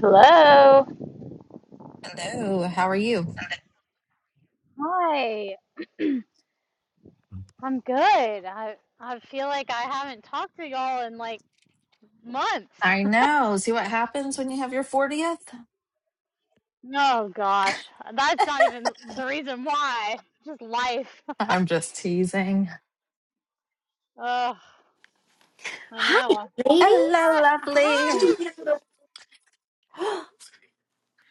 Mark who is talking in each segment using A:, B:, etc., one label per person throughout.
A: Hello.
B: Hello, how are you?
A: Hi, I'm good. I I feel like I haven't talked to y'all in like months.
B: I know. See what happens when you have your 40th?
A: Oh gosh, that's not even the reason why. Just life.
B: I'm just teasing.
A: Ugh, I
C: Hi,
A: know.
C: ladies.
B: Hello,
A: Hi,
B: lovely.
A: hi.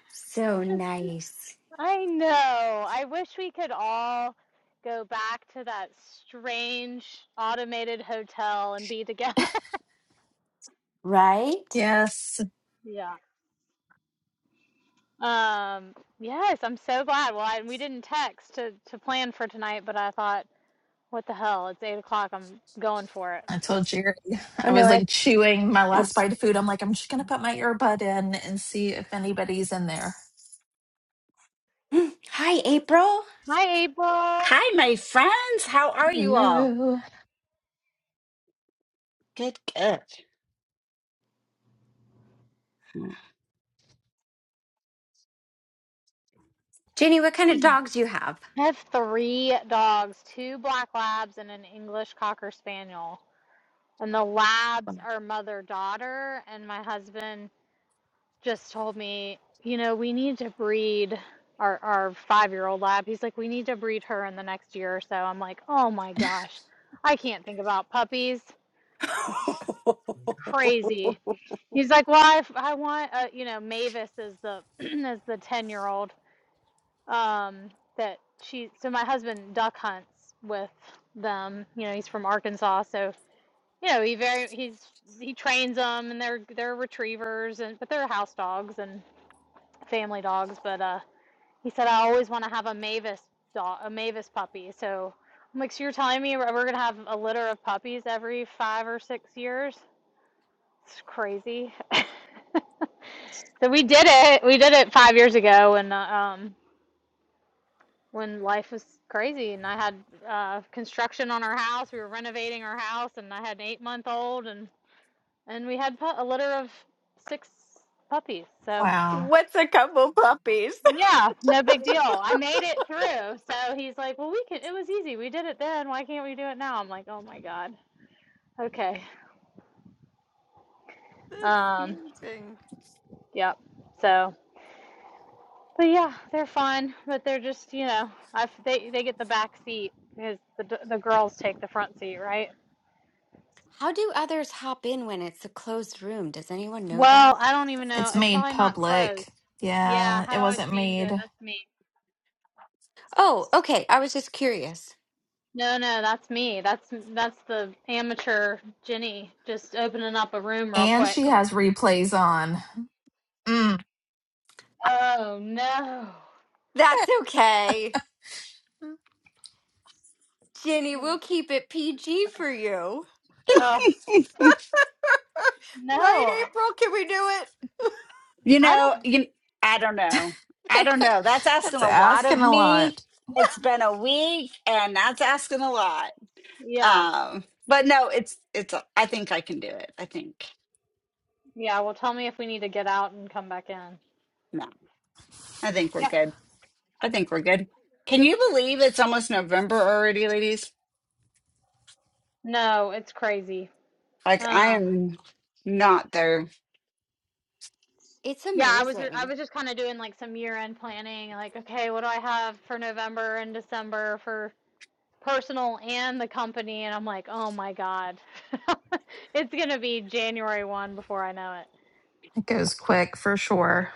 C: so nice,
A: I know. I wish we could all go back to that strange automated hotel and be together.
C: right?
B: Yes,
A: Yeah. Um, yes, I'm so glad. Well, I, we didn't text to to plan for tonight, but I thought What the hell? It's eight o'clock. I'm going for it.
B: I told Jerry.
C: Oh
B: I
C: no,
B: was
C: I,
B: like chewing my
C: I.
B: last bite of food. I'm like, I'm just going to put my earbud in and see if anybody's in there.
C: Hi, April.
A: Hi, April. I
D: Hi, my friends. How are you all?
B: Hello.
D: Good, good.
C: Jenny, what kind of dogs you have?
A: have three dogs, two black labs and an English cocker spaniel. And the labs are mother daughter. And my husband just told me, you know, we need to breed our, our five year old lab. He's like, we need to breed her in the next year or so. I'm like, oh my gosh, I can't think about puppies. It's crazy. He's like, well, I, I want, uh, you know, Mavis is the is the ten year old um that she so my husband duck hunts with them you know he's from arkansas so you know he very he's he trains them and they're they're retrievers and but they're house dogs and family dogs but uh he said i always want to have a mavis dog a mavis puppy so i'm like so you're telling me we're, we're gonna have a litter of puppies every five or six years it's crazy so we did it we did it five years ago and uh, um when life was crazy and I had uh, construction on our house. We were renovating our house and I had an eight month old and, and we had pu- a litter of six puppies. So
B: Wow.
C: What's a couple puppies? That's
A: yeah, no big deal. I made it through. So he's like, well, we could, it was easy. We did it then. Why can't we do it now? I'm like, oh my God. Okay. Um,
C: amazing.
A: yep. So, but yeah, they're fine, but they're just, you know, I've, they, they get the back seat because the, the girls take the front seat, right?
C: How do others hop in when it's a closed room? Does anyone know
A: Well,
C: that?
A: I don't even know.
B: It's
A: It's
B: made
A: probably not closed.
B: public.
A: Yeah,
B: Yeah, it
A: how do I
B: wasn't
A: change
B: made.
A: it? That's me.
C: Oh, okay. I was just curious.
A: No, no, that's me. That's that's the amateur Jenny just opening up a room real
B: And
A: quick.
B: she has replays on. Mm,
A: Oh no.
C: That's okay, Jenny. We'll keep it PG for you.
A: Oh no.
C: Right, April? Can we do it?
D: You
A: I
D: know,
A: don't.
D: you, I don't know. I don't know. That's
B: that's
D: asking a lot
B: asking
D: of
B: a
D: me.
B: lot.
D: It's been a week, and that's asking a lot.
A: Yeah,
D: Um, but no, it's it's. I think I can do it. I think
A: yeah. Well, tell me if we need to get out and come back in.
D: no. I
C: Yeah.
D: think we're
A: Yeah.
D: good. I think we're good. Can you believe it's almost November already, ladies?
A: No, it's crazy.
D: Like I
A: Um.
D: am not there.
C: It's
A: Yeah, I was I
C: amazing.
A: was just kind of doing like some year end planning, like okay, what do I have for November and December for personal and the company and I'm like, "Oh my god. it's going to be January 1 before I know it."
B: It goes quick for sure.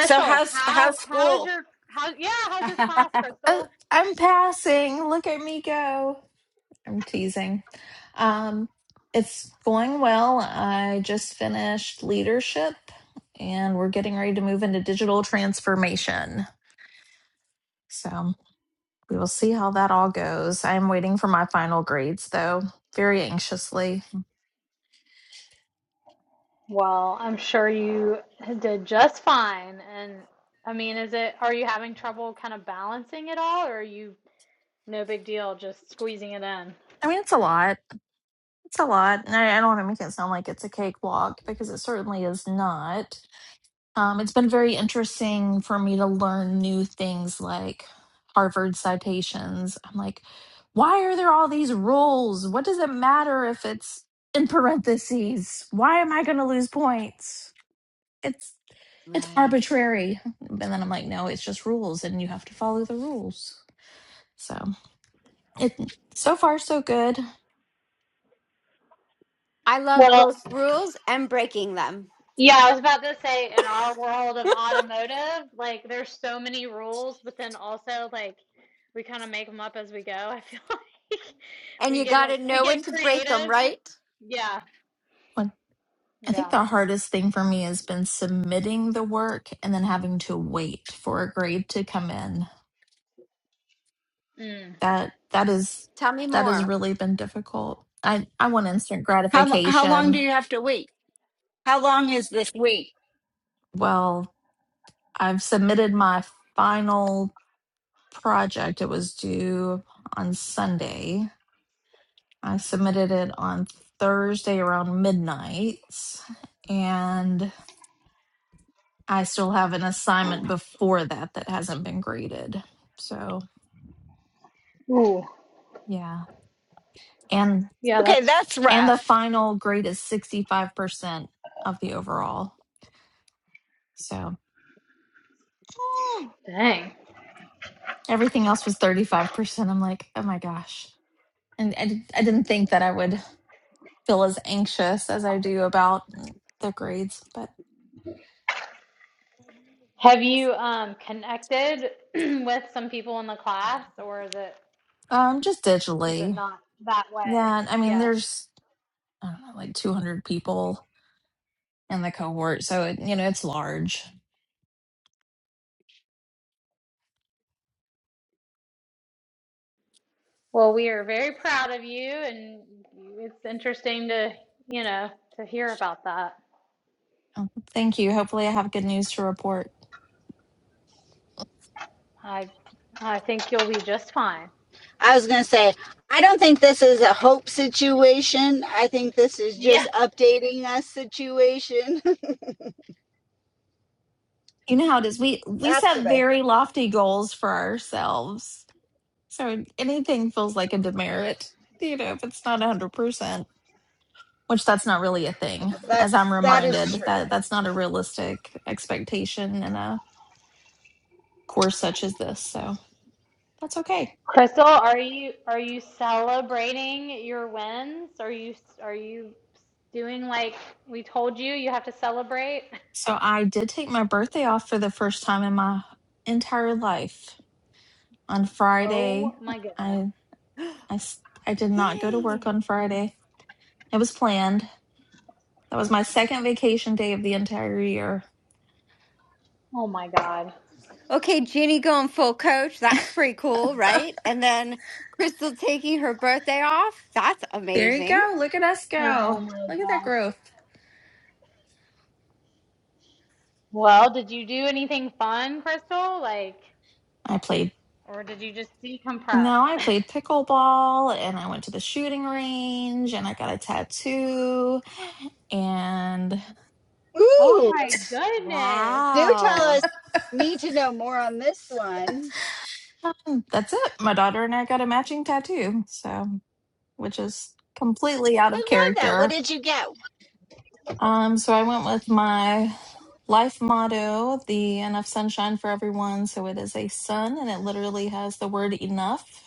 D: So how's
A: how
D: how's
A: how is
D: school?
A: your how yeah, how's your
D: how
A: class,
B: Oh,
A: Crystal?
B: I'm passing. Look at me go. I'm teasing. Um, it's going well. I just finished leadership and we're getting ready to move into digital transformation. So we will see how that all goes. I'm waiting for my final grades though, very anxiously.
A: Well, I'm sure you did just fine and I mean, is it are you having trouble kind of balancing it all or are you no big deal just squeezing it in?
B: I mean, it's a lot. It's a lot. And I, I don't want to make it sound like it's a cakewalk because it certainly is not. Um, it's been very interesting for me to learn new things like Harvard citations. I'm like, why are there all these rules? What does it matter if it's in parentheses? Why am I going to lose points? It's it's
C: Right.
B: arbitrary. And then I'm like, no, it's just rules, and you have to follow the rules. So it so far so good.
C: I love
A: Well,
C: both rules and breaking them.
A: Yeah, I was about to say in our world of automotive, like there's so many rules, but then also like we kind of make them up as we go. I feel like
C: And
A: we
C: you
A: get
C: got
A: a-
C: to
A: we
C: know when
A: get
C: to break them,
A: creative.
C: right?
A: Yeah,
B: When- I think
A: yeah.
B: the hardest thing for me has been submitting the work and then having to wait for a grade to come in
A: Mm.
B: that that is
C: Tell me
B: that has
C: more.
B: really been difficult. I I want instant
D: how long do
B: gratification.
D: you have to wait? How long is this week?
B: Well, I've submitted my final project. It was due on Sunday. I submitted it on Thursday around midnight and I still have an assignment before that that hasn't been graded. So,
A: Ooh,
B: yeah. And
A: yeah,
D: Okay,
A: that's
D: that's
B: and the
D: rough.
B: final grade is 65% of the overall. So,
A: dang.
B: Everything else was 35%. I'm like, oh my gosh. And I, d- I didn't think that I would feel as anxious as I do about the grades, but
A: Have you um connected with some people in the class, or is it
B: um, just
A: is it
B: digitally.
A: not that way?
B: Yeah. and I mean,
A: Yeah.
B: there's, I don't know, like 200 people in the cohort. So, it, you know, it's large.
A: Well, we are very proud of you, and it's interesting to, you know, to hear about that.
B: Oh, Thank you. Hopefully, I have good news to report.
A: I I think you'll be just fine.
D: I was going to say, I don't think this is a hope situation. I think this is
A: Yeah.
D: just updating us situation.
B: You know how it is. We we
D: That's
B: set
D: what I
B: very lofty goals for ourselves. So anything feels like a demerit, you know, if it's not 100%, which that's not really a thing,
D: think.
B: as
D: That's
B: I'm
D: that is
B: reminded
D: true.
B: that that's not a realistic expectation in a course such as this. So that's okay.
A: Crystal, are you are you celebrating your wins? Are you are you doing like we told you you have to celebrate?
B: So I did take my birthday off for the first time in my entire life. On Friday,
A: Oh my goodness.
B: I I s- I did not go to work
C: Yay.
B: on Friday. It was planned. That was my second vacation day of the entire year.
A: Oh my God.
C: Okay, Ginny going full coach. That's pretty cool, right? And then Crystal taking her birthday off. That's
B: There you
C: amazing.
B: go. Look at us
A: Oh
B: go.
A: my
B: Look at that
A: gosh.
B: growth.
A: Well, did you do anything fun, Crystal? Like,
B: I played,
A: or did you just decompress?
B: no, I played pickleball and I went to the shooting range and I got a tattoo and
A: Oh
D: Ooh,
A: my goodness.
D: do tell
C: Wow.
D: us. Need to know more on this one.
B: um, that's it. My daughter and I got a matching tattoo, so which is completely out of
D: I love that. What
B: character.
D: did you get?
B: Um, so I went with my life motto, the enough sunshine for everyone. So it is a sun and it literally has the word enough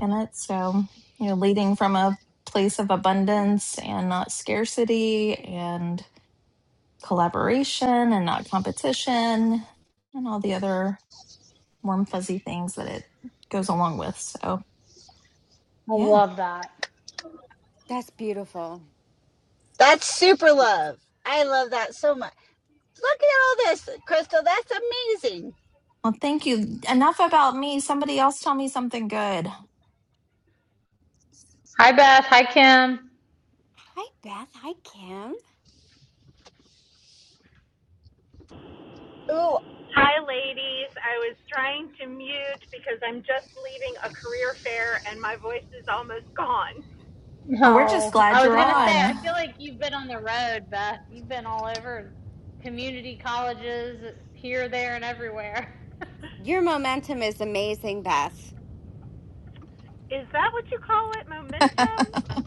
B: in it. So, you know, leading from a place of abundance and not scarcity and collaboration and not competition and all the other warm, fuzzy things that it goes along with. So,
A: I
B: yeah.
A: love that.
C: That's beautiful.
D: That's super love. I love that so much. Look at all this, Crystal. That's amazing.
B: Well, thank you. Enough about me. Somebody else tell me something good.
A: Hi, Beth. Hi, Kim.
C: Hi, Beth. Hi, Kim.
D: Ooh.
E: Hi, ladies. I was trying to mute because I'm just leaving a career fair and my voice is almost gone.
B: Well, we're just
A: No,
B: glad
A: I was
B: you're
A: gonna say,
D: aw.
A: I
B: on.
A: feel like you've been on the road, Beth. You've been all over community colleges, here, there, and everywhere.
C: Your momentum is amazing, Beth.
E: Is that what you call it? Momentum?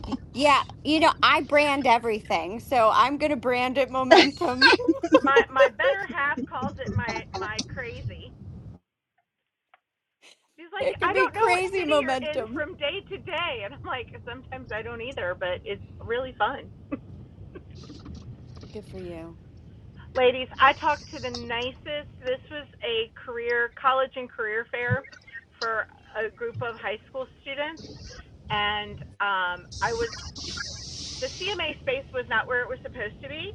C: Y- Yeah, you know, I brand everything, so I'm going to brand it momentum.
E: My my better half calls it my my crazy. He's like,
C: It could
E: I
C: be
E: don't know what
C: crazy
E: city you're in
C: momentum.
E: from day to day, and I'm like, sometimes I don't either, but it's really fun.
C: Good for you.
E: Ladies, I talked to the nicest. This was a career college and career fair for a group of high school students and um, I was the CMA space was not where it was supposed to be.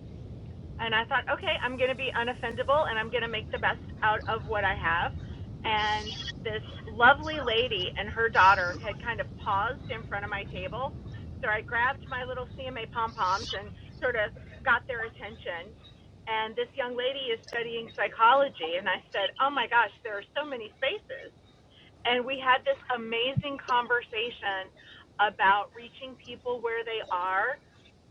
E: And I thought, okay, I'm going to be unoffendable and I'm going to make the best out of what I have. And this lovely lady and her daughter had kind of paused in front of my table. So I grabbed my little CMA pom poms and sort of got their attention. And this young lady is studying psychology. And I said, oh my gosh, there are so many spaces and we had this amazing conversation about reaching people where they are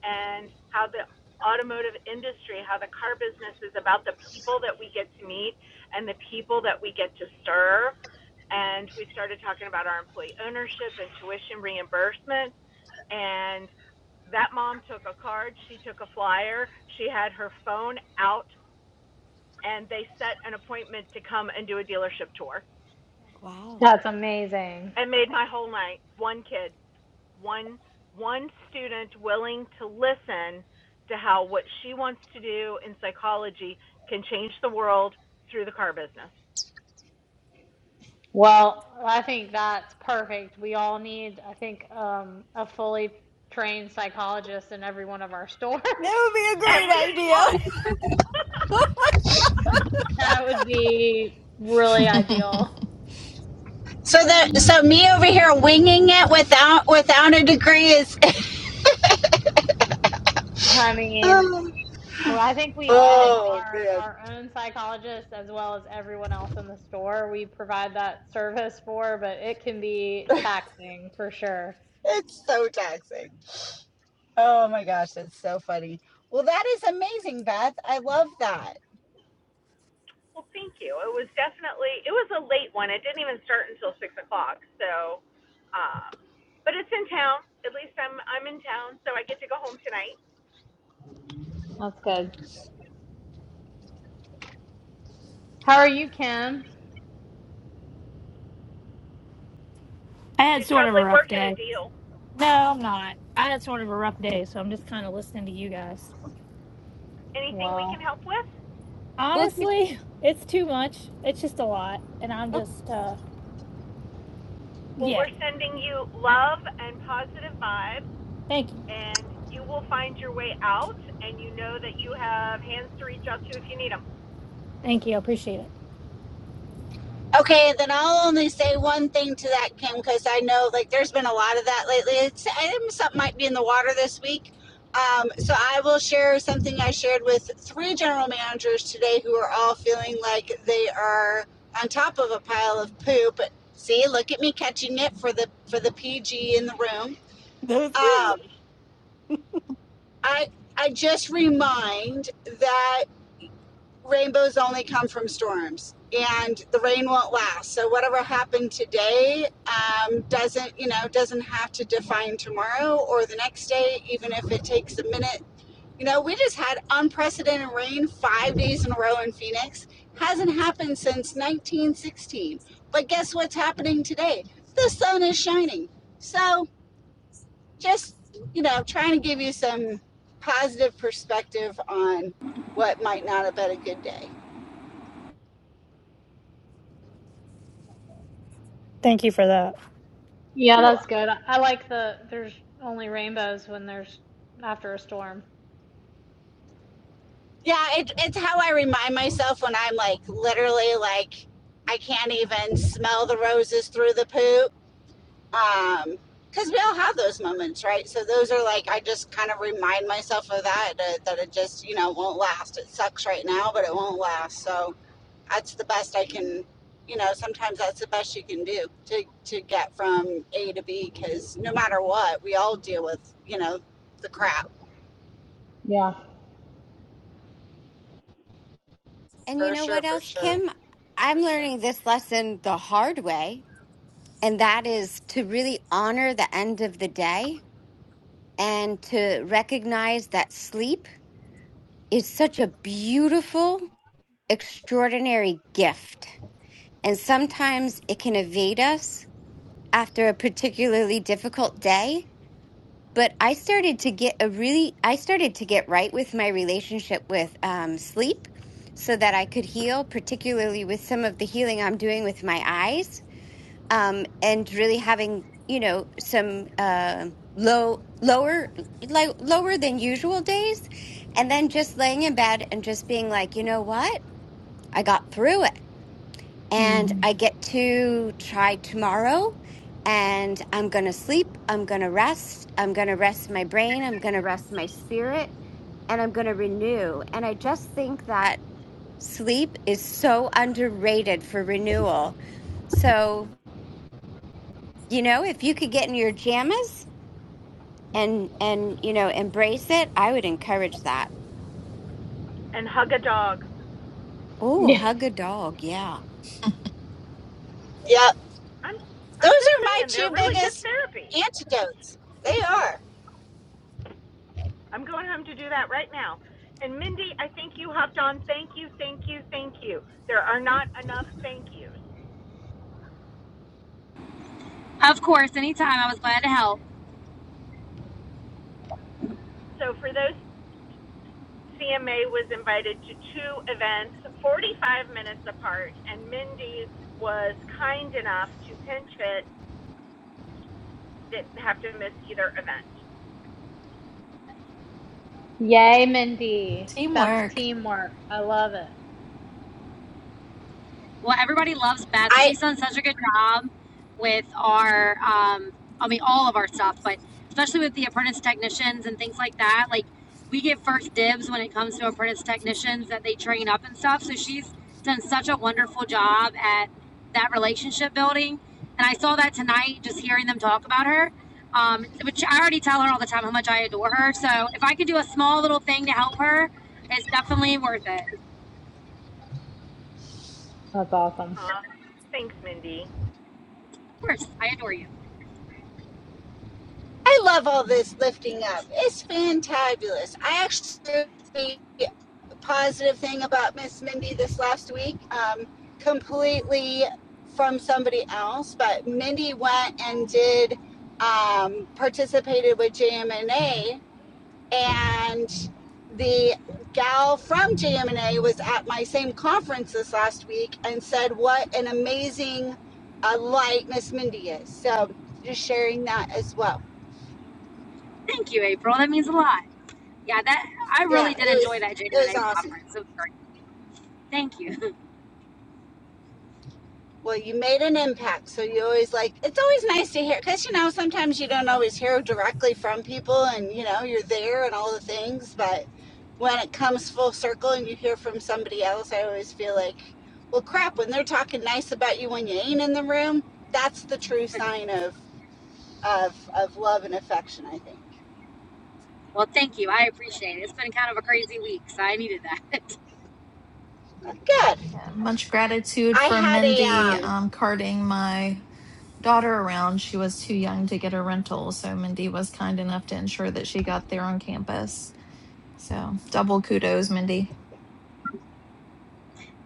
E: and how the automotive industry, how the car business is about the people that we get to meet and the people that we get to serve. And we started talking about our employee ownership and tuition reimbursement. And that mom took a card, she took a flyer, she had her phone out, and they set an appointment to come and do a dealership tour
C: Wow.
A: That's amazing.
E: and made my whole night. One kid, one one student willing to listen to how what she wants to do in psychology can change the world through the car business.
A: Well, I think that's perfect. We all need, I think, um, a fully trained psychologist in every one of our stores.
C: That would be a
E: At
C: great
E: least
C: idea.
E: one.
C: Oh my
A: That would be really ideal.
D: So that so me over here winging it without without a degree is
A: I mean,
D: Oh.
A: Well, I think we all
D: Oh
A: are
D: man,
A: our own psychologists as well as everyone else in the store. We provide that service for, but it can be taxing for sure.
D: it's so toxic. Oh my gosh, that's so funny. Well, that is amazing, Beth. I love that.
E: Well, thank you. It was definitely it was a late one. It didn't even start until six o'clock. So, um, but it's in town. At least I'm I'm in town, so I get to go home tonight.
A: That's good. How are you, Kim?
F: I had
E: She's
F: sort of a
E: probably
F: rough
E: working a
F: day.
E: deal.
F: No, I'm not. I had sort of a rough day, so I'm just kind of listening to you guys.
E: Anything we can
A: Well,
E: help with?
C: God.
F: Honestly, it's too much. It's just a lot. And I'm
C: Well,
F: just, uh,
E: Well,
F: yeah.
E: we're sending you love and positive vibes
F: Thank you.
E: and you will find your way out and you know that you have hands to reach out to if you need them
F: Thank you. I appreciate it.
D: Okay, then I'll only say one thing to that, Kim, because I know like there's been a lot of that lately. It's I think something might be in the water this week. Um, so I will share something I shared with three general managers today who are all feeling like they are on top of a pile of poop. See, look at me catching it for the for the PG in the room.
C: that's good.
D: Um, I I just remind that rainbows only come from storms and the rain won't last. So whatever happened today um, doesn't you know doesn't have to define tomorrow or the next day, even if it takes a minute. You know, we just had unprecedented rain five days in a row in Phoenix. Hasn't happened since 1916. But guess what's happening today? The sun is shining. So just you know trying to give you some positive perspective on what might not have been a good day
F: Thank you for that.
A: yeah,
D: you're
A: that's
D: welcome
A: good. I like the there's only rainbows when there's after a storm.
D: yeah it, it's how i remind myself when i'm like literally like i can't even smell the roses through the poop um because we all have those moments right so those are like i just kind of remind myself of that, that that it just you know won't last it sucks right now but it won't last so that's the best I can, you know, sometimes that's the best you can do to, to get from A to B because no matter what, we all deal with, you know, the crap
A: Yeah.
C: And you
D: for
C: know
D: sure,
C: what
D: for
C: else,
D: sure.
C: Kim? I'm learning this lesson the hard way, and that is to really honor the end of the day and to recognize that sleep is such a beautiful, extraordinary gift. And sometimes it can evade us after a particularly difficult day. But I started to get a really, I started to get right with my relationship with um, sleep so that I could heal, particularly with some of the healing I'm doing with my eyes um, and really having, you know, some uh, low, lower, like lower than usual days. And then just laying in bed and just being like, you know what? I got through it and I get to try tomorrow. And I'm going to sleep. I'm going to rest. I'm going to rest my brain. I'm going to rest my spirit. And I'm going to renew. And I just think that sleep is so underrated for renewal. So, you know, if you could get in your jammies and, and, you know, embrace it, I would encourage that.
E: and hug a dog.
C: Oh,
A: Yeah.
C: hug a dog. Yeah.
D: Yep.
E: I'm
D: Those
E: I'm just
D: are my
E: saying
D: two
E: they're really good
D: biggest
E: therapy.
D: antidotes. They are.
E: I'm going home to do that right now. And Mindy, I think you hopped on. Thank you, thank you, thank you. There are not enough thank yous.
G: Of course, anytime. I was glad to help.
E: So for those CMA was invited to two events 45 minutes apart and Mindy was kind enough to pinch fit didn't have to miss either event.
A: Yay, Mindy. That's
B: Teamwork.
A: teamwork. I love it.
G: Well, everybody loves Beth.
D: I
G: She's done such a good job with our, um, I mean, all of our stuff, but especially with the apprentice technicians and things like that. Like, we get first dibs when it comes to apprentice technicians that they train up and stuff. So she's done such a wonderful job at that relationship building. And I saw that tonight just hearing them talk about her. Um, which I already tell her all the time how much I adore her. So if I could do a small little thing to help her, it's definitely worth it.
A: That's awesome.
E: Aw, thanks Mindy.
G: Of course, I adore you.
D: I love all this lifting up. It's fantabulous. I actually positive thing about Miss Mindy this last week, um, completely from somebody else, but Mindy went and did um, participated with JMNA, and the gal from JMNA was at my same conference this last week and said what an amazing uh, light Miss Mindy is. So just sharing that as well.
G: Thank you, April. That means a lot. Yeah, that I
D: Yeah,
G: really
D: it
G: did
D: was
G: enjoy that Jane
D: it
G: and
D: was
G: Monet
D: awesome.
G: conference. So, great. Thank you.
D: Well, you made an impact. So you always like, it's always nice to hear because, you know, sometimes you don't always hear directly from people and, you know, you're there and all the things. But when it comes full circle and you hear from somebody else, I always feel like, well, crap, when they're talking nice about you when you ain't in the room, that's the true sign of, of, of love and affection, I think.
G: Well, thank you. I appreciate it. It's been kind of a crazy week, so I needed that.
D: Good.
B: Much gratitude
D: I
B: for
D: had a,
B: Mindy
D: um,
B: um, carding my daughter around, she was too young to get a rental. So Mindy was kind enough to ensure that she got there on campus. So double kudos, Mindy.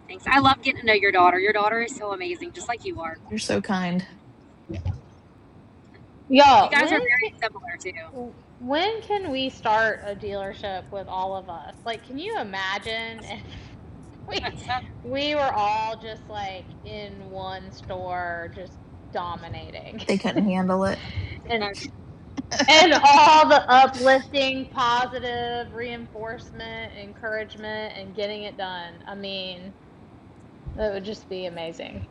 G: Thanks. I love getting to know your daughter. Your daughter is so amazing, just like you are.
B: You're so kind.
G: You
A: Y'all,
G: guys
A: when
G: are very similar too.
A: W- When can we start a dealership with all of us? Like, can you imagine if we we were all just like in one store, just dominating,
B: They couldn't handle it.
A: and and all the uplifting, positive reinforcement, encouragement, and getting it done. I mean, that would just be amazing.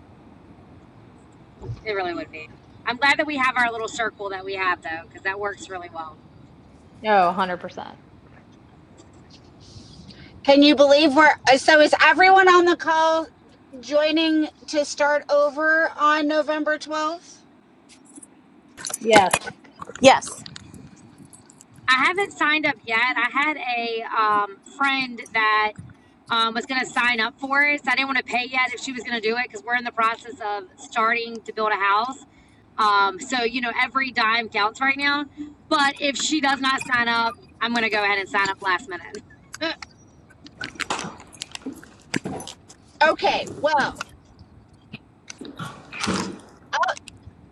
G: it really would be. I'm glad that we have our little circle that we have though, because that works really well.
A: Oh, 100%.
D: can you believe we're, uh, so is everyone on the call joining to start over on November 12th?
A: Yes.
G: I haven't signed up yet. I had a um, friend that um, was going to sign up for it. So I didn't want to pay yet if she was going to do it because we're in the process of starting to build a house. Um, so, you know, every dime counts right now. But if she does not sign up, I'm going to go ahead and sign up last minute.
D: Okay, well,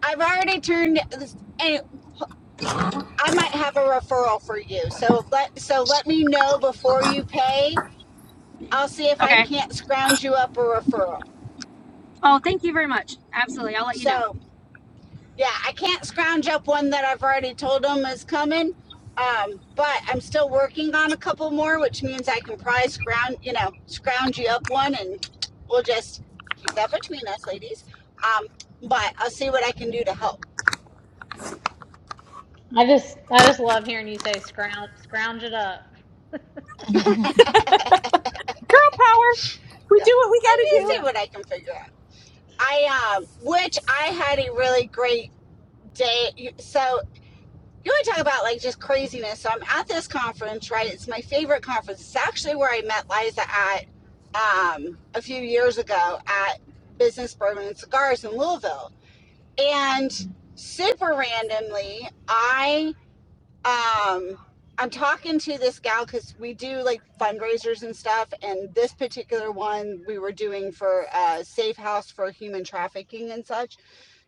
D: I've already turned and I might have a referral for you. So let so let me know before you pay. I'll see if I
G: okay.
D: can't scrounge you up a referral.
G: Oh, thank you very much. Absolutely. I'll let you know.
D: So yeah, I can't scrounge up one that I've already told them is coming. Um, but I'm still working on a couple more, which means I can probably scrounge, you know, scrounge you up one and we'll just keep that between us, ladies. Um, but I'll see what I can do to help.
A: I just I just love hearing you say scrounge scrounge it up.
E: We
D: Yeah.
E: do what we
D: I
E: got to
D: can
E: do.
D: see
A: Yeah.
D: what I can figure out. I um, which I had a really great day. So you want to talk about like just craziness? So I'm at this conference, right? It's my favorite conference. It's actually where I met Liza at um, a few years ago at Business Bourbon and Cigars in Louisville, and super randomly, I um i'm talking to this gal because we do like fundraisers and stuff and this particular one we were doing for uh safe house for human trafficking and such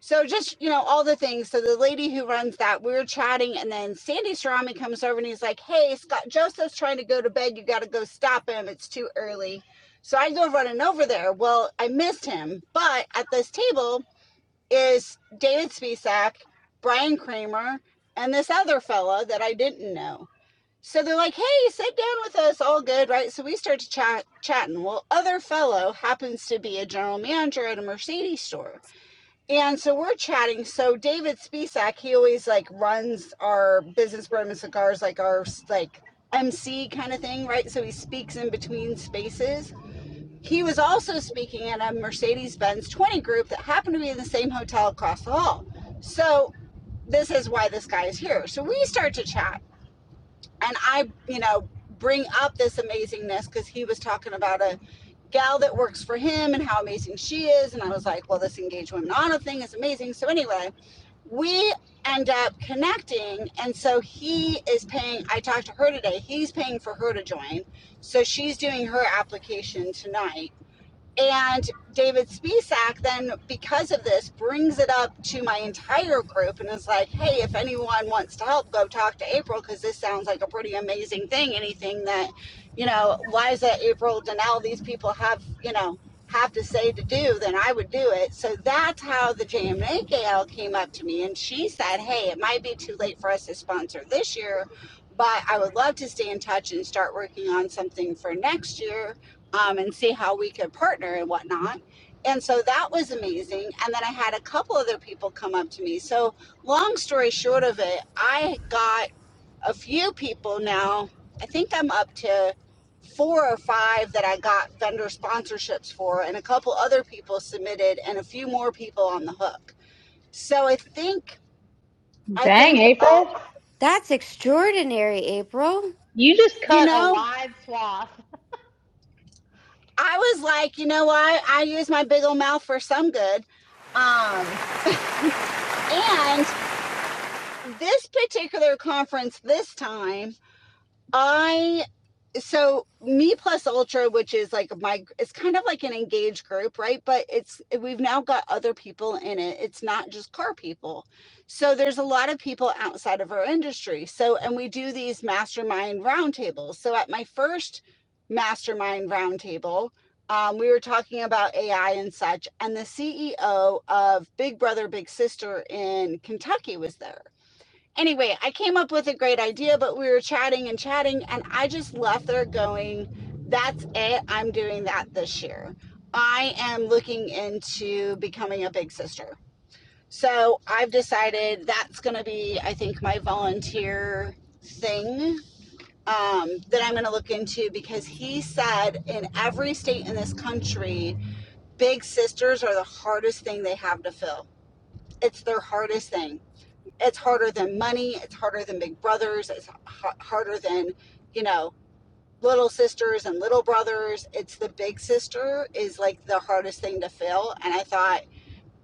D: so just you know all the things so the lady who runs that we were chatting and then sandy Cerami comes over and he's like hey scott joseph's trying to go to bed you got to go stop him it's too early so i go running over there well i missed him but at this table is David Spisak, Brian Kramer, and this other fella that I didn't know. So they're like, "Hey, sit down with us, all good, right?" So we start to chat, chatting. Well, other fellow happens to be a general manager at a Mercedes store, and so we're chatting. So David Spisak, he always like runs our business Bourbon Cigars, like our like MC kind of thing, right? So he speaks in between spaces, he was also speaking at a Mercedes Benz 20 group that happened to be in the same hotel across the hall. So, this is why this guy is here. So, we start to chat, and I, you know, bring up this amazingness because he was talking about a gal that works for him and how amazing she is. And I was like, well, this engaged women auto thing is amazing. So, anyway, we end up connecting. And so he is paying, I talked to her today, he's paying for her to join. So she's doing her application tonight and David Spisak then, because of this, brings it up to my entire group and is like, hey, if anyone wants to help, go talk to April because this sounds like a pretty amazing thing. Anything that, you know, Liza, April, Danelle, these people have, you know, have to say to do, then I would do it. So that's how the JMA Gail came up to me and she said, hey, it might be too late for us to sponsor this year, but I would love to stay in touch and start working on something for next year um, and see how we could partner and whatnot. And so that was amazing. And then I had a couple other people come up to me. So, long story short of it, I got a few people now. I think I'm up to four or five that I got vendor sponsorships for, and a couple other people submitted, and a few more people on the hook. So, I think, I
A: Dang,
D: think, uh,
A: April.
C: That's extraordinary, April.
A: You just
D: you
A: cut a
D: know,
A: wide swath.
D: I was like, you know what? I use my big old mouth for some good. Um, and this particular conference this time i so me plus ultra which is like my it's kind of like an engaged group right but it's we've now got other people in it it's not just car people so there's a lot of people outside of our industry so and we do these mastermind roundtables so at my first mastermind roundtable um, we were talking about ai and such and the ceo of big brother big sister in kentucky was there anyway, I came up with a great idea, but we were chatting and chatting, and I just left there going, that's it. I'm doing that this year. I am looking into becoming a big sister. So I've decided that's going to be, I think, my volunteer thing um, that I'm going to look into because he said in every state in this country, big sisters are the hardest thing they have to fill. It's their hardest thing it's harder than money it's harder than big brothers it's ha- harder than you know little sisters and little brothers it's the big sister is like the hardest thing to fill and i thought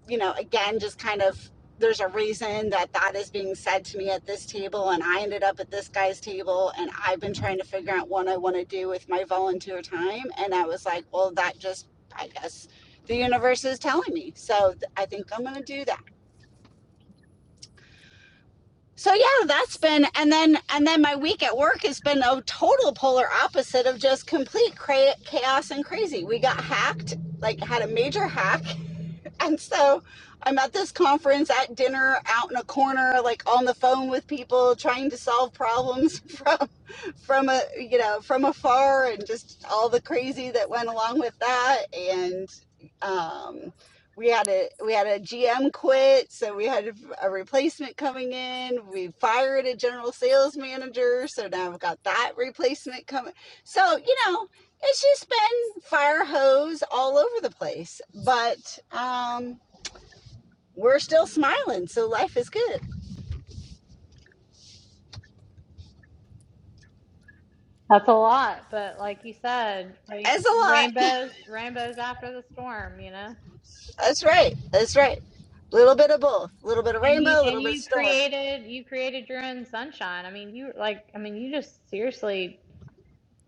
D: you know again just kind of there's a reason that that is being said to me at this table and i ended up at this guy's table and i've been trying to figure out what i want to do with my volunteer time and i was like well that just i guess the universe is telling me so i think i'm going to do that so yeah that's been and then and then my week at work has been a total polar opposite of just complete cra- chaos and crazy we got hacked like had a major hack and so i'm at this conference at dinner out in a corner like on the phone with people trying to solve problems from from a you know from afar and just all the crazy that went along with that and um we had a we had a GM quit so we had a replacement coming in we fired a general sales manager so now we've got that replacement coming so you know it's just been fire hose all over the place but um we're still smiling so life is good
A: That's a lot, but like you said,
D: as a
A: ra-
D: lot
A: rainbows, rainbows after the storm, you know.
D: That's right. That's right. Little bit of both, a little bit of
A: And you
D: rainbow, a
A: and
D: little bit of
A: you
D: storm.
A: created you created your own sunshine. I mean, you like I mean, you just seriously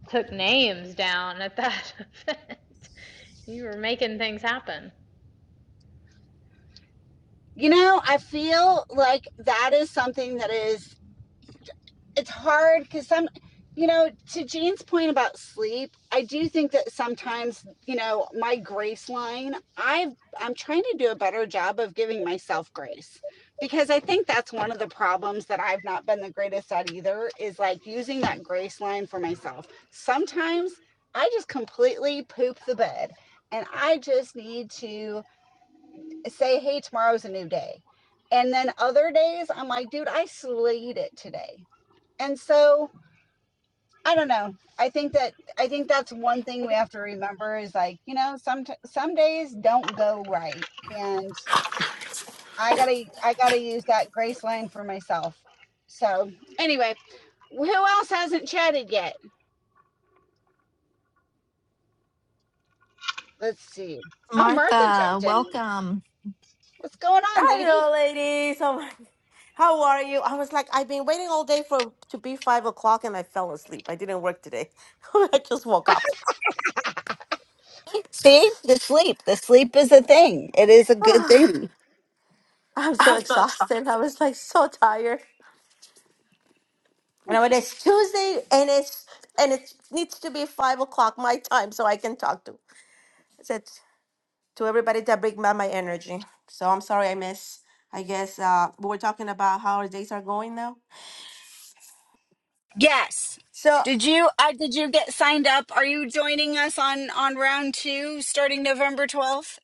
A: took names down at that event. You were making things happen.
D: You know, I feel like that is something that is it's hard because some you know to jane's point about sleep i do think that sometimes you know my grace line i've i'm trying to do a better job of giving myself grace because i think that's one of the problems that i've not been the greatest at either is like using that grace line for myself sometimes i just completely poop the bed and i just need to say hey tomorrow's a new day and then other days i'm like dude i slayed it today and so I don't know. I think that I think that's one thing we have to remember is like, you know, some some days don't go right and I got to I got to use that grace line for myself. So, anyway, who else hasn't chatted yet? Let's see. Oh, Martha
B: Martha,
D: jumped in.
B: welcome.
D: What's going on, lady?
H: Hello, ladies. Oh my, how are you? I was like, I've been waiting all day for to be five o'clock, and I fell asleep. I didn't work today. I just woke up.
D: See? The sleep. The sleep is a thing. It is a good thing.
H: Ah, I'm so exhausted. I was like so tired. And when it's Tuesday, and it's and it needs to be five o'clock my time, so I can talk to. I said to everybody that bring back my energy. So I'm sorry I miss. I guess uh, we're talking about how our days are going now.
D: Yes.
H: So.
D: Did you uh, did you get signed up? Are you joining us on on round 2 starting November 12th?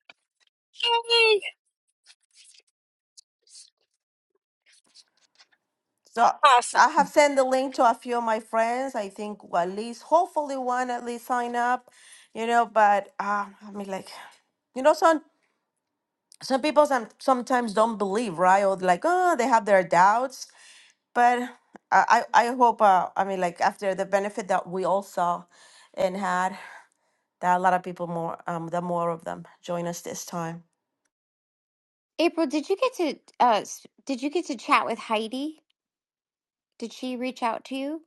H: So
D: Awesome.
H: I have sent the link to a few of my friends. I think well, at least, hopefully, one at least sign up. You know, but uh, I mean, like, you know, some some people some, sometimes don't believe, right? Or like, oh, they have their doubts. But I I, I hope. Uh, I mean, like after the benefit that we all saw and had, that a lot of people more um the more of them join us this time.
C: April, did you get to uh s- did you get to chat with Heidi? Did she reach out to you?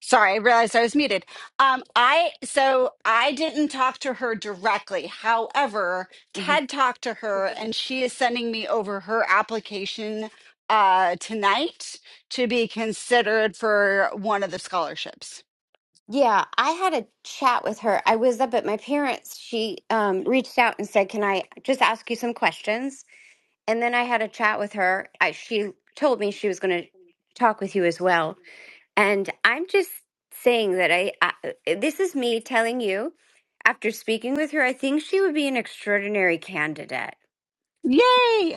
D: Sorry, I realized I was muted. Um, I so I didn't talk to her directly. However,
C: hmm
D: Ted talked to her, and she is sending me over her application uh, tonight to be considered for one of the scholarships.
C: Yeah, I had a chat with her. I was up at my parents. She um reached out and said, "Can I just ask you some questions?" And then I had a chat with her. I, she told me she was going to talk with you as well. And I'm just saying that I, I uh, this is me telling you after speaking with her, I think she would be an extraordinary candidate.
D: Yay!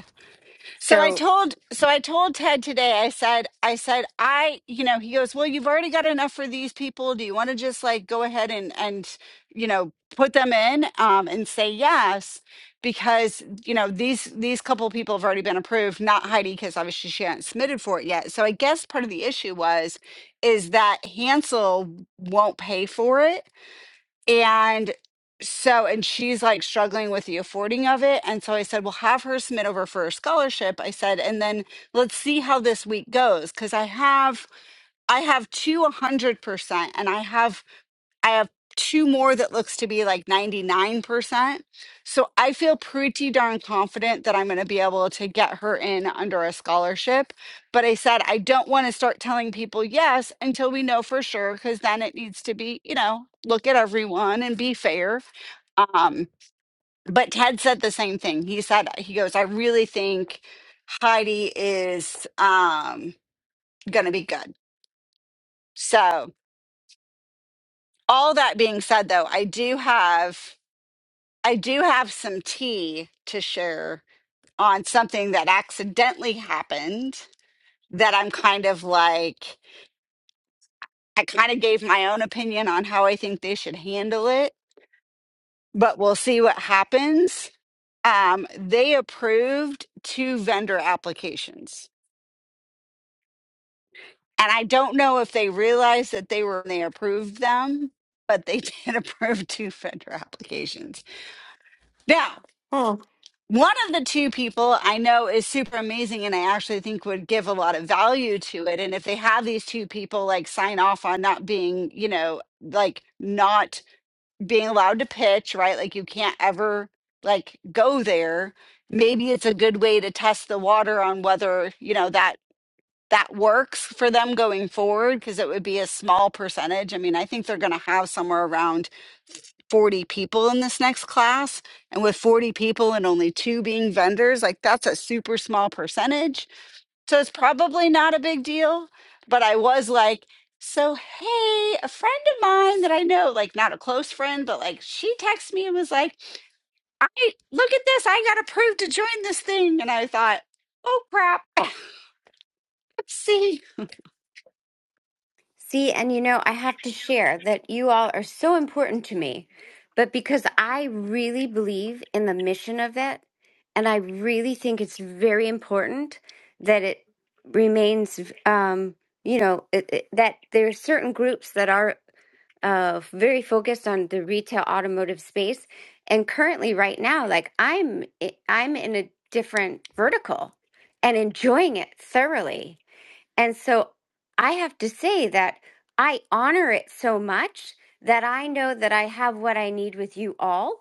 D: So
C: So
D: I told so I told Ted today, I said, I said, I, you know, he goes, Well, you've already got enough for these people. Do you want to just like go ahead and and you know put them in um and say yes? Because you know, these these couple of people have already been approved, not Heidi, because obviously she hadn't submitted for it yet. So I guess part of the issue was is that Hansel won't pay for it and so, and she's like struggling with the affording of it. And so I said, well, have her submit over for a scholarship. I said, and then let's see how this week goes. Cause I have, I have two 100% and I have I have two more that looks to be like 99%. So I feel pretty darn confident that I'm going to be able to get her in under a scholarship. But I said I don't want to start telling people yes until we know for sure cuz then it needs to be, you know, look at everyone and be fair. Um but Ted said the same thing. He said he goes, "I really think Heidi is um going to be good." So all that being said though, I do have I do have some tea to share on something that accidentally happened that I'm kind of like, I kind of gave my own opinion on how I think they should handle it, but we'll see what happens. Um, they approved two vendor applications. And I don't know if they realized that they were, they approved them, but they did approve two vendor applications. Now,
H: Hmm.
D: One of the two people I know is super amazing and I actually think would give a lot of value to it. And if they have these two people like sign off on not being, you know, like not being allowed to pitch, right? Like you can't ever like go there. Maybe it's a good way to test the water on whether, you know, that that works for them going forward because it would be a small percentage. I mean, I think they're going to have somewhere around 40 people in this next class and with 40 people and only two being vendors like that's a super small percentage so it's probably not a big deal but i was like so hey a friend of mine that i know like not a close friend but like she texted me and was like i look at this i got approved to join this thing and i thought oh crap see
C: See, and you know, I have to share that you all are so important to me, but because I really believe in the mission of it, and I really think it's very important that it remains, um, you know, it, it, that there are certain groups that are uh, very focused on the retail automotive space. And currently, right now, like I'm, eh, I'm in a different vertical and enjoying it thoroughly. And so I have to say that I honor it so much that I know that I have what I need with you all.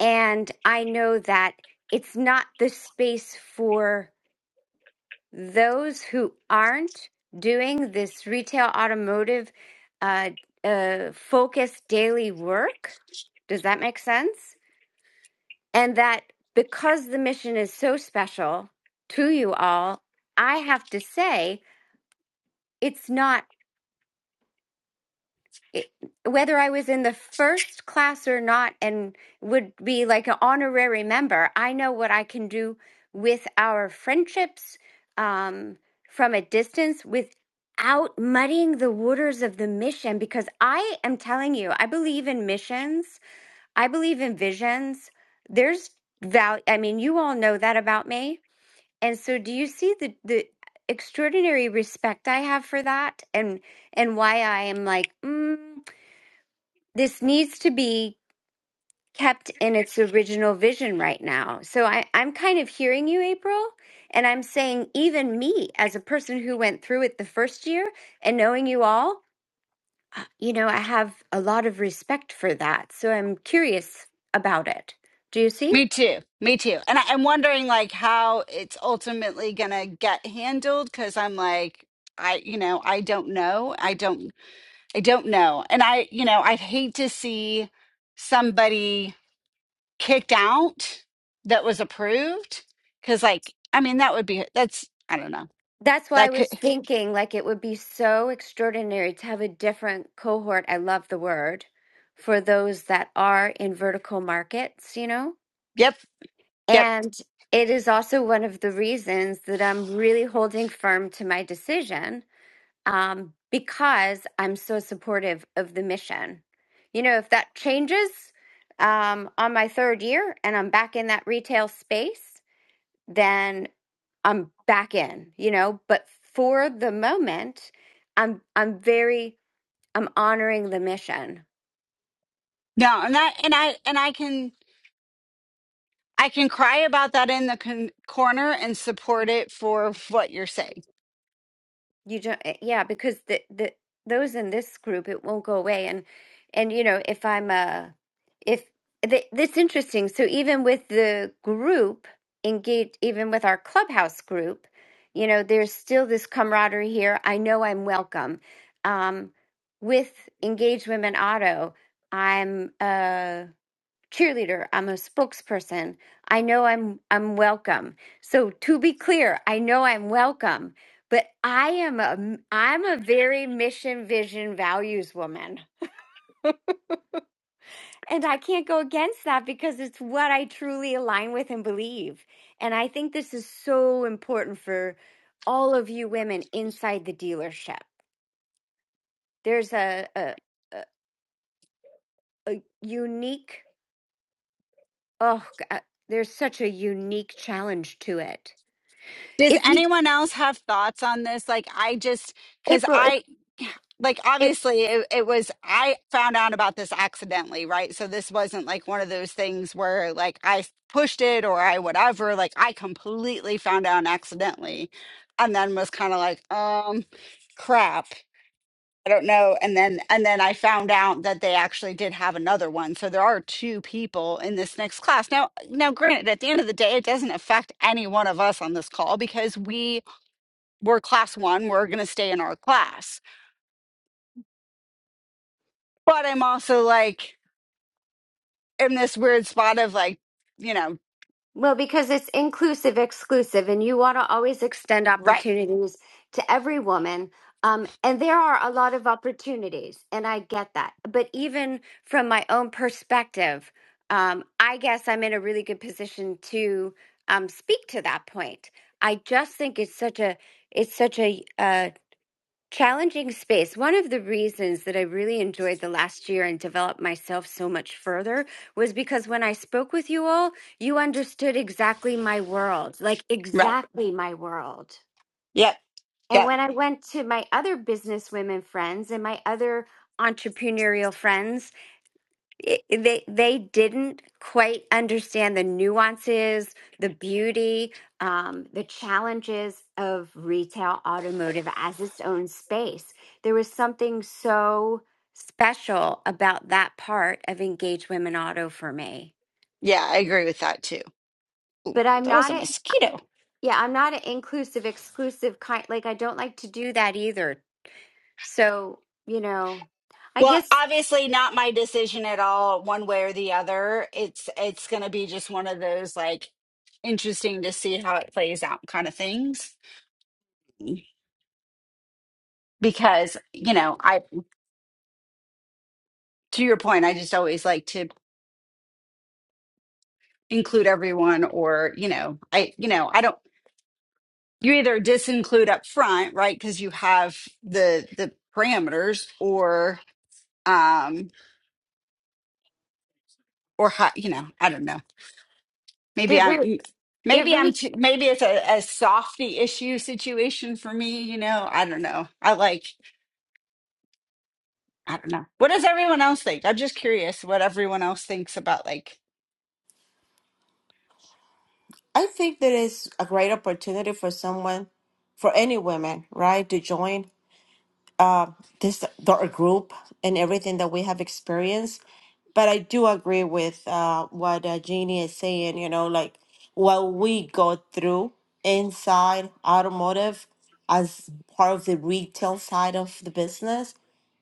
C: And I know that it's not the space for those who aren't doing this retail automotive uh, uh, focused daily work. Does that make sense? And that because the mission is so special to you all, I have to say it's not. it- whether I was in the first class or not and would be like an honorary member, I know what I can do with our friendships um, from a distance without muddying the waters of the mission. Because I am telling you, I believe in missions, I believe in visions. There's value. I mean, you all know that about me. And so, do you see the, the extraordinary respect I have for that and, and why I am like, mm this needs to be kept in its original vision right now. So I, I'm kind of hearing you, April, and I'm saying, even me, as a person who went through it the first year and knowing you all, you know, I have a lot of respect for that. So I'm curious about it. Do you see?
D: Me too. Me too. And I, I'm wondering like how it's ultimately gonna get handled because I'm like, I you know, I don't know. I don't I don't know. And I, you know, I'd hate to see somebody kicked out that was approved. Cause like, I mean, that would be that's I don't know.
C: That's why I
D: That could
C: was thinking like it would be so extraordinary to have a different cohort. I love the word for those that are in vertical markets, you know?
D: yep, yep.
C: And it is also one of the reasons that I'm really holding firm to my decision um, because I'm so supportive of the mission. You know, if that changes um, on my third year and I'm back in that retail space, then I'm back in, you know, but for the moment, I'm I'm very I'm honoring the mission
D: No, and that and I and I can I can cry about that in the con- corner and support it for what you're saying.
C: You don't, eh, yeah, because the the those in this group, it won't go away. And and you know, if I'm a, if th that's interesting. So even with the group engaged, even with our clubhouse group, you know, there's still this camaraderie here. I know I'm welcome. Um, with Engaged Women Auto, I'm uh cheerleader, I'm a spokesperson. I know I'm I'm welcome. So to be clear, I know I'm welcome, but I am a I'm a very mission, vision, values woman. And I can't go against that because it's what I truly align with and believe. And I think this is so important for all of you women inside the dealership. There's a, a, a unique, oh, God, there's such a unique challenge to it.
D: Does
C: If you,
D: anyone else have thoughts on this? Like, I just, because
C: April, if
D: I, like,
C: if
D: obviously it, it was, I found out about this accidentally, right? So this wasn't like one of those things where like I pushed it or I whatever. Like, I completely found out accidentally and then was kind of like, um, crap. I don't know. And then, and then I found out that they actually did have another one. So there are two people in this next class. Now, now, granted, at the end of the day, it doesn't affect any one of us on this call because we, we're class one, we're going to stay in our class. But I'm also like in this weird spot of like, you know,
C: Well, because it's inclusive, exclusive, and you want to always extend
D: right,
C: opportunities to every woman. Um, and there are a lot of opportunities, and I get that. But even from my own perspective, um, I guess I'm in a really good position to um, speak to that point. I just think it's such a it's such a uh, Challenging space. One of the reasons that I really enjoyed the last year and developed myself so much further was because when I spoke with you all, you understood exactly my world, like
D: right.
C: exactly my world.
D: Yep,
C: And
D: yep.
C: when I went to my other business women friends and my other entrepreneurial friends, it- they they didn't quite understand the nuances, the beauty, um, the challenges of retail automotive as its own space. There was something so special about that part of Engage Women Auto for me.
D: Yeah, I agree with that too.
C: But I'm
D: That was
C: not
D: a
C: a
D: mosquito.
C: yeah, I'm not an inclusive, exclusive kind. Like I don't like to do that either. So you know, I
D: Well,
C: guess
D: obviously not my decision at all one way or the other. It's it's going to be just one of those like interesting to see how it plays out kind of things because, you know, I to your point, I just always like to include everyone or, you know, I you know, I don't you either disinclude up front right because you have the the parameters or um or how you know i don't know maybe
C: they're
D: i'm
C: very they're
D: maybe i'm
C: very.
D: too, maybe it's a, a softy issue situation for me you know i don't know i like i don't know what does everyone else think i'm just curious what everyone else thinks about like
H: I think there is a great opportunity for someone, for any women, right, to join uh, this the group and everything that we have experienced. But I do agree with uh, what uh, Jeannie is saying, you know, like what we go through inside automotive as part of the retail side of the business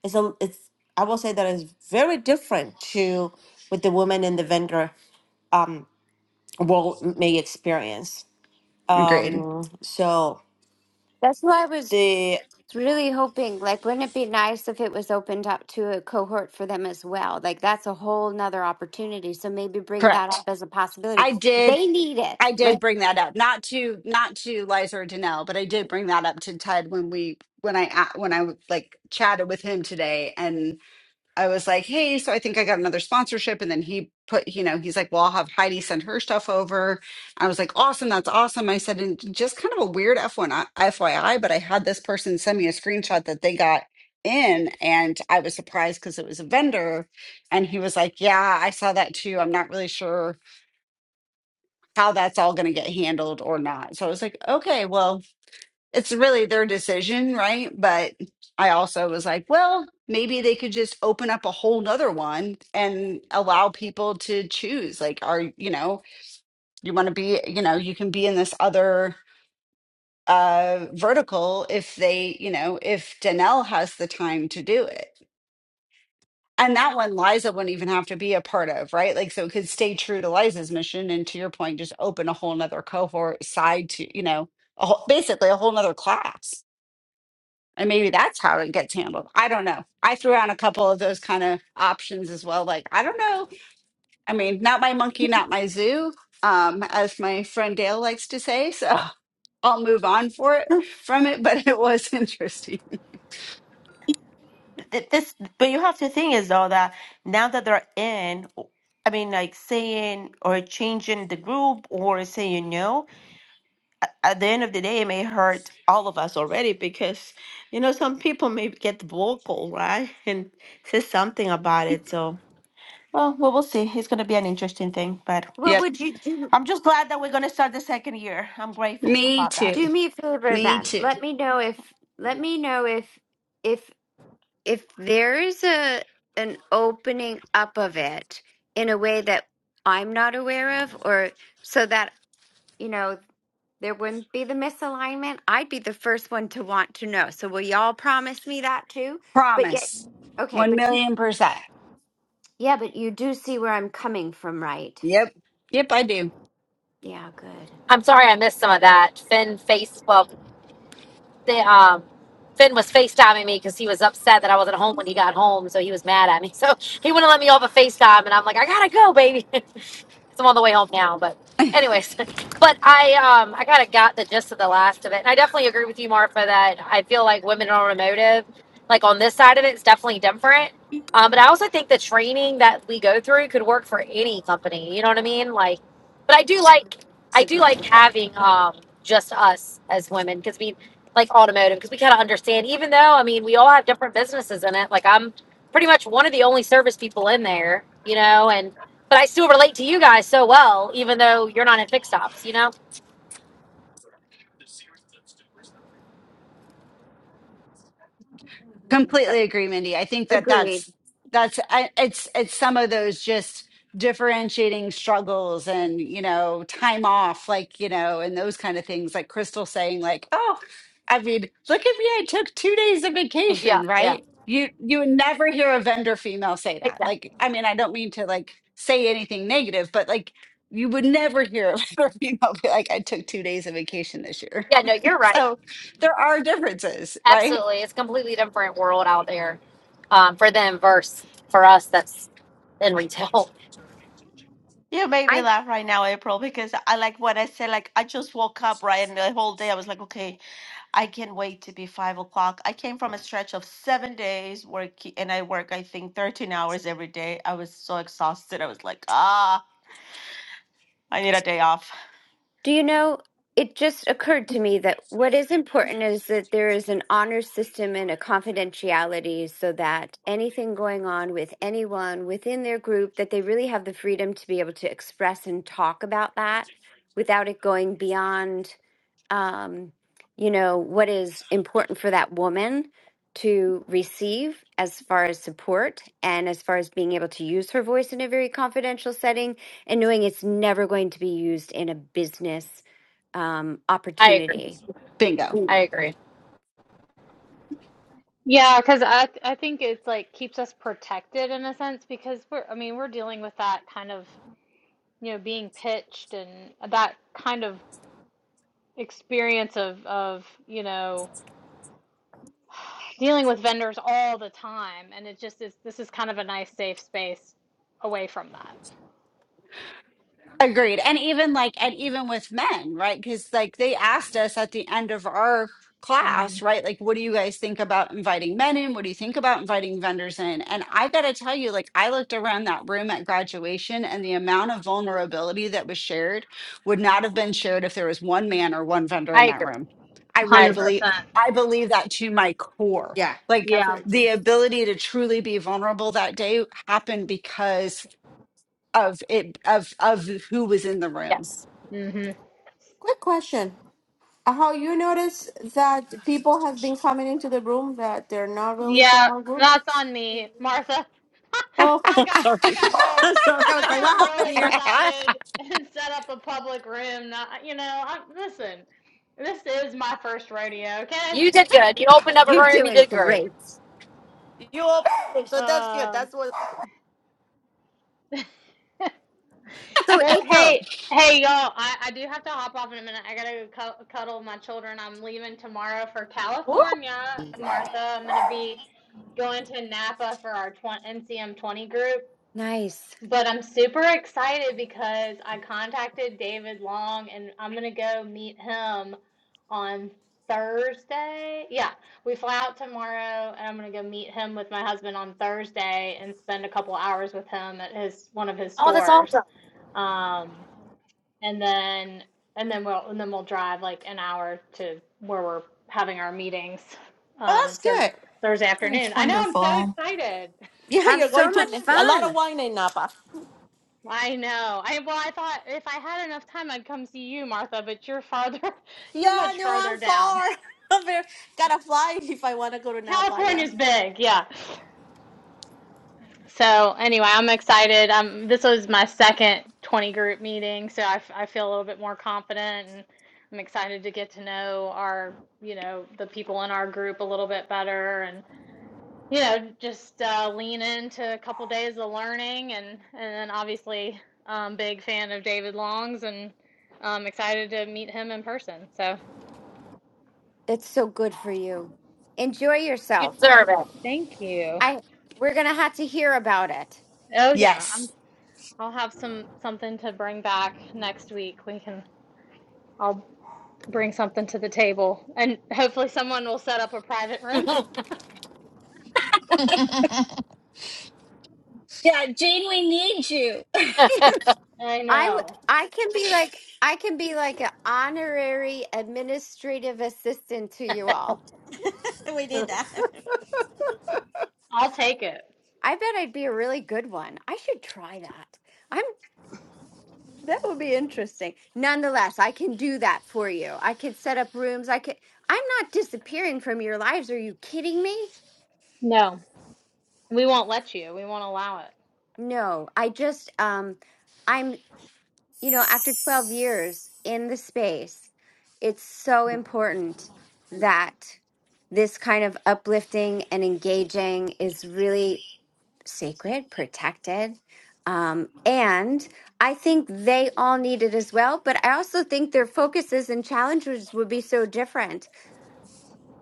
H: is a it's I will say that it's very different to what the woman in the vendor um world may experience.
D: grade
H: Um so
C: That's why I was
H: the
C: was really hoping, like, wouldn't it be nice if it was opened up to a cohort for them as well? Like, that's a whole nother opportunity. So maybe bring that up
D: correct
C: as a possibility.
D: i did
C: They need it.
D: I
C: Like,
D: did bring that up, not to not to Liza or Danelle, but I did bring that up to Ted when we when I a- when I like chatted with him today, and I was like, "Hey, so I think I got another sponsorship," and then he put, you know, he's like, "Well, I'll have Heidi send her stuff over." I was like, "Awesome, that's awesome." I said, "And just kind of a weird F one FYI, but I had this person send me a screenshot that they got." in and I was surprised because it was a vendor and he was like yeah I saw that too I'm not really sure how that's all going to get handled or not. So I was like, okay, well, it's really their decision, right? But I also was like, well, maybe they could just open up a whole nother one and allow people to choose. Like, are you know, you want to be, you know, you can be in this other uh vertical if they, you know, if Danelle has the time to do it. And that one Liza wouldn't even have to be a part of, right? Like, so it could stay true to Liza's mission. And to your point, just open a whole nother cohort side to, you know, a whole, basically a whole nother class. And maybe that's how it gets handled. I don't know. I threw out a couple of those kind of options as well. Like, I don't know. I mean, not my monkey, not my zoo, um, as my friend Dale likes to say. So I'll move on for it from it. But it was interesting.
H: th- this but you have to think is though that now that they're in i mean like saying or changing the group or saying no at the end of the day it may hurt all of us already because you know some people may get vocal right and say something about it so well we will see it's going to be an interesting thing but
C: what
D: Yep.
C: would you do?
H: i'm just glad that we're going to start the second year i'm grateful
D: Me
H: about that
C: Do
D: too.
C: me a favor
D: Me
C: then.
D: too.
C: Let me know if, let me know if, if, if there is a, an opening up of it in a way that I'm not aware of, or so that, you know, there wouldn't be the misalignment, I'd be the first one to want to know. So will y'all promise me that too? But yet,
D: Promise.
C: okay,
D: One
C: but you,
D: million percent.
C: yeah, but you do see where I'm coming from, right?
D: Yep. Yep, I do.
C: Yeah, good.
G: I'm sorry I missed some of that. Finn face well, they, um, Finn was FaceTiming me because he was upset that I wasn't home when he got home, so he was mad at me. So he wouldn't let me off a FaceTime, and I'm like, I gotta go, baby. 'cause I'm on the way home now. But anyways, but I um I kind of got the gist of the last of it, and I definitely agree with you, Marfa, that I feel like women in automotive, like on this side of it, it's definitely different. Um, but I also think the training that we go through could work for any company. You know what I mean? Like, but I do like I do
C: Agreed.
G: like having um just us as women because we like automotive because we kind of understand. Even though I mean we all have different businesses in it. Like I'm pretty much one of the only service people in there. You know, and but I still relate to you guys so well, even though you're not in fixed ops, you know?
D: completely agree mindy i think that
C: Agreed.
D: that's that's I, it's it's some of those just differentiating struggles and you know time off like you know and those kind of things like crystal saying like oh i mean look at me i took two days of
G: Yeah,
D: vacation
G: yeah.
D: right you you would never hear a vendor female say that
G: Exactly.
D: like i mean i don't mean to like say anything negative but like you would never hear a vendor female be like i took two days of vacation this year
G: Yeah, no, you're right.
D: so there are differences right
G: Absolutely. It's a completely different world out there um, for them versus for us that's in real.
H: you made me
C: I,
H: laugh right now, April, because I like what I said. Like I just woke up, right, and the whole day I was like, okay, I can't wait to be five o'clock. I came from a stretch of seven days work, and I work, I think, 13 hours every day. I was so exhausted. I was like, ah, I need a day off.
C: do you know, it just occurred to me that what is important is that there is an honor system and a confidentiality so that anything going on with anyone within their group, that they really have the freedom to be able to express and talk about that without it going beyond um, you know, what is important for that woman to receive as far as support and as far as being able to use her voice in a very confidential setting and knowing it's never going to be used in a business um,
G: I agree.
C: opportunity.
D: bingo
G: I
C: Mm,
G: agree.
A: Yeah, because I th- I think it's like keeps us protected in a sense because we're I mean we're dealing with that kind of you know being pitched and that kind of experience of of you know dealing with vendors all the time and it just is this is kind of a nice safe space away from that
D: Agreed. And even like, and even with men, right? Because like they asked us at the end of our
A: hmm
D: class, right? Like, what do you guys think about inviting men in? What do you think about inviting vendors in? And I got to tell you, like, I looked around that room at graduation and the amount of vulnerability that was shared would not have been shared if there was one man or one vendor
G: I
D: in that
G: agree.
D: room. I
G: I
D: really
A: 100%
G: agree.
D: believe, I believe that to my core.
H: Yeah,
D: Like,
H: that's
A: yeah
H: very
D: the
H: true.
D: ability to truly be vulnerable that day happened because of it of of who was in the room.
G: Yes.
A: hmm
H: Quick question. Uh, How you notice that people has been coming into the room that they're not really
A: yeah
H: from our group?
A: that's on me martha
H: Oh,
A: i got
H: sorry.
A: i got real
H: I'm sorry. I
A: i
H: was like,
A: got
H: what happened
A: real
H: here?
A: excited and set up a public room not, you know I, listen this is my first rodeo okay
G: You did good. You opened up a
C: You're
G: room. You
C: doing
G: did great.
C: great.
H: You open, so that's good.
A: um
H: That's what.
C: So,
A: Well,
C: April,
A: hey, hey, y'all. I, I do have to hop off in a minute. I gotta go cu- cuddle my children. I'm leaving tomorrow for
G: Woo.
A: California, Martha. I'm gonna be going to Napa for our NCM 20 group.
C: Nice.
A: But I'm super excited because I contacted David Long and I'm gonna go meet him on Thursday. Yeah, we fly out tomorrow and I'm gonna go meet him with my husband on Thursday and spend a couple hours with him at his one of his
G: Oh, that's
A: stores.
G: awesome.
A: Um, and then and then we'll and then we'll drive like an hour to where we're having our meetings
H: Oh,
A: um
H: that's
A: Thur-
H: good.
A: Thursday
B: Yeah, That's
A: afternoon. I know I'm so
B: wonderful.
A: excited.
H: Yeah,
C: have
H: you're going
C: so much
H: to a lot of
C: fun.
H: wine in Napa.
A: I know. I well I thought if I had enough time I'd come see you, Martha, but you're farther you're
H: Yeah,
A: much
H: no,
A: farther
H: I'm
A: down.
H: far. I'm very, gotta fly if I wanna go to Napa. Yeah,
A: California's big, yeah. So anyway, I'm excited. Um, this was my second 20 group meeting, so I, f- I feel a little bit more confident, and I'm excited to get to know our, you know, the people in our group a little bit better, and you know, just uh, lean into a couple days of learning, and and then obviously, um, big fan of David Long's, and I'm excited to meet him in person. So
C: That's so good for you. Enjoy
G: You
C: yourself.
G: deserve it.
A: thank you.
C: I we're going to have to hear about it.
A: Oh yeah, I'm.
D: yes.
A: I'll have some something to bring back next week. We can. I'll bring something to the table and hopefully someone will set up a private room.
D: Yeah, Jane, we need you.
A: I
C: I w-
A: know.
C: I can be like I can be like an honorary administrative assistant to you all.
H: we did that.
A: I'll take it.
C: I bet I'd be a really good one. I should try that. I'm that would be interesting. Nonetheless, I can do that for you. I can set up rooms. I can. I'm not disappearing from your lives. Are you kidding me?
A: No, we won't let you. We won't allow it.
C: No, I just um you know, after 12 years in the space, it's so important that this kind of uplifting and engaging is really sacred, protected. Um, and I think they all need it as well. But I also think their focuses and challenges would be so different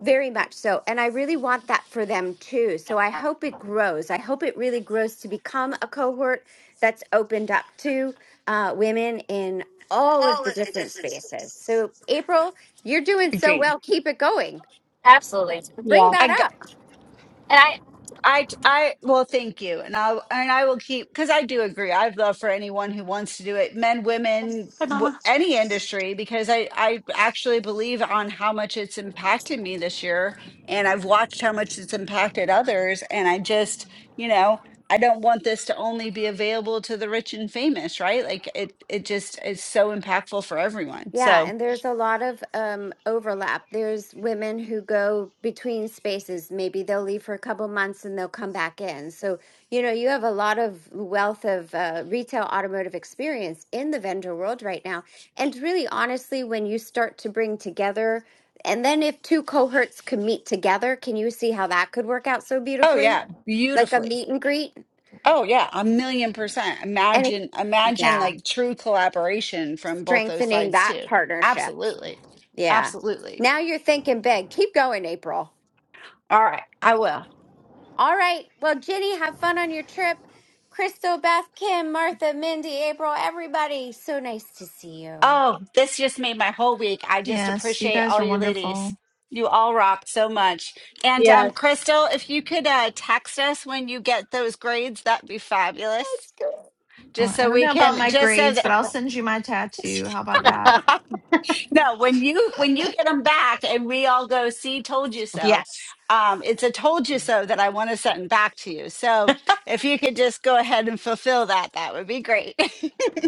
C: very much so. And I really want that for them too. So I
G: Yeah.
C: hope it grows. I hope it really grows to become a cohort that's opened up to uh, women in all of
H: All
C: the
H: of the
C: different spaces.
H: differences.
C: So, April, you're doing so
D: Agreed.
C: well. Keep it going.
G: Absolutely.
C: Bring
A: Yeah.
C: that
D: I
C: up.
G: And I
D: I I well, thank you, and I and I will keep because I do agree. I've love for anyone who wants to do it, men, women,
H: Bye,
D: w-
H: Mama.
D: any industry, because I I actually believe on how much it's impacted me this year, and I've watched how much it's impacted others, and I just you know I don't want this to only be available to the rich and famous, right? Like it it just is so impactful for everyone.
C: Yeah,
D: So
C: and there's a lot of um, overlap. There's women who go between spaces. Maybe they'll leave for a couple months and they'll come back in. So, you know, you have a lot of wealth of uh, retail automotive experience in the vendor world right now. And really, honestly, when you start to bring together, and then if two cohorts can meet together, can you see how that could work out so
D: oh
C: beautifully?
D: yeah,
C: Like a
D: beautifully.
C: meet and greet?
D: Oh yeah, a million percent.
C: And it,
D: Imagine, imagine
C: yeah,
D: like true collaboration from both those
C: strengthening
D: sides
C: that
D: too.
C: partnership.
D: Absolutely.
C: Yeah.
D: Absolutely.
C: Now you're thinking big. Keep going, April.
D: All right, I will.
C: All right. Well, Ginny, have fun on your trip. Crystal, Beth, Kim, Martha, Mindy, April, everybody. So nice to see you.
D: Oh, this just made my whole week. I just
B: yes, you
D: appreciate
B: guys
D: all
B: are
D: you ladies.
B: wonderful.
D: You all rock so much. And um,
A: Yes.
D: Crystal, if you could uh, text us when you get those grades, that'd be fabulous.
C: That's good.
B: Uh,
D: Just
B: I
D: so
B: don't
D: we
B: know about
D: can,
B: my
D: just so
B: grades,
D: that
B: but I'll send you my tattoo. How about that?
D: No, when you when you get them back and we all go, see, told you so.
H: Yes.
D: Um, it's a told you so that I want to send back to you. So if you could just go ahead and fulfill that, that would be great.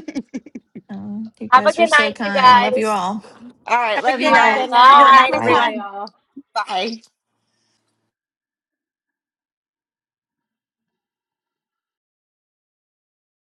B: Um, you
G: have a
B: guys are
G: good
B: so
G: night, you
B: kind. Love you
G: guys.
B: all.
D: all right,
H: Have a
D: love
A: All
H: good
D: you all.
A: right.
C: Good
H: night. Have
C: night.
G: Bye.
H: a
D: Night,
H: Good
B: Bye.
H: luck.
A: Bye,
D: everyone.
A: y'all.
D: Bye.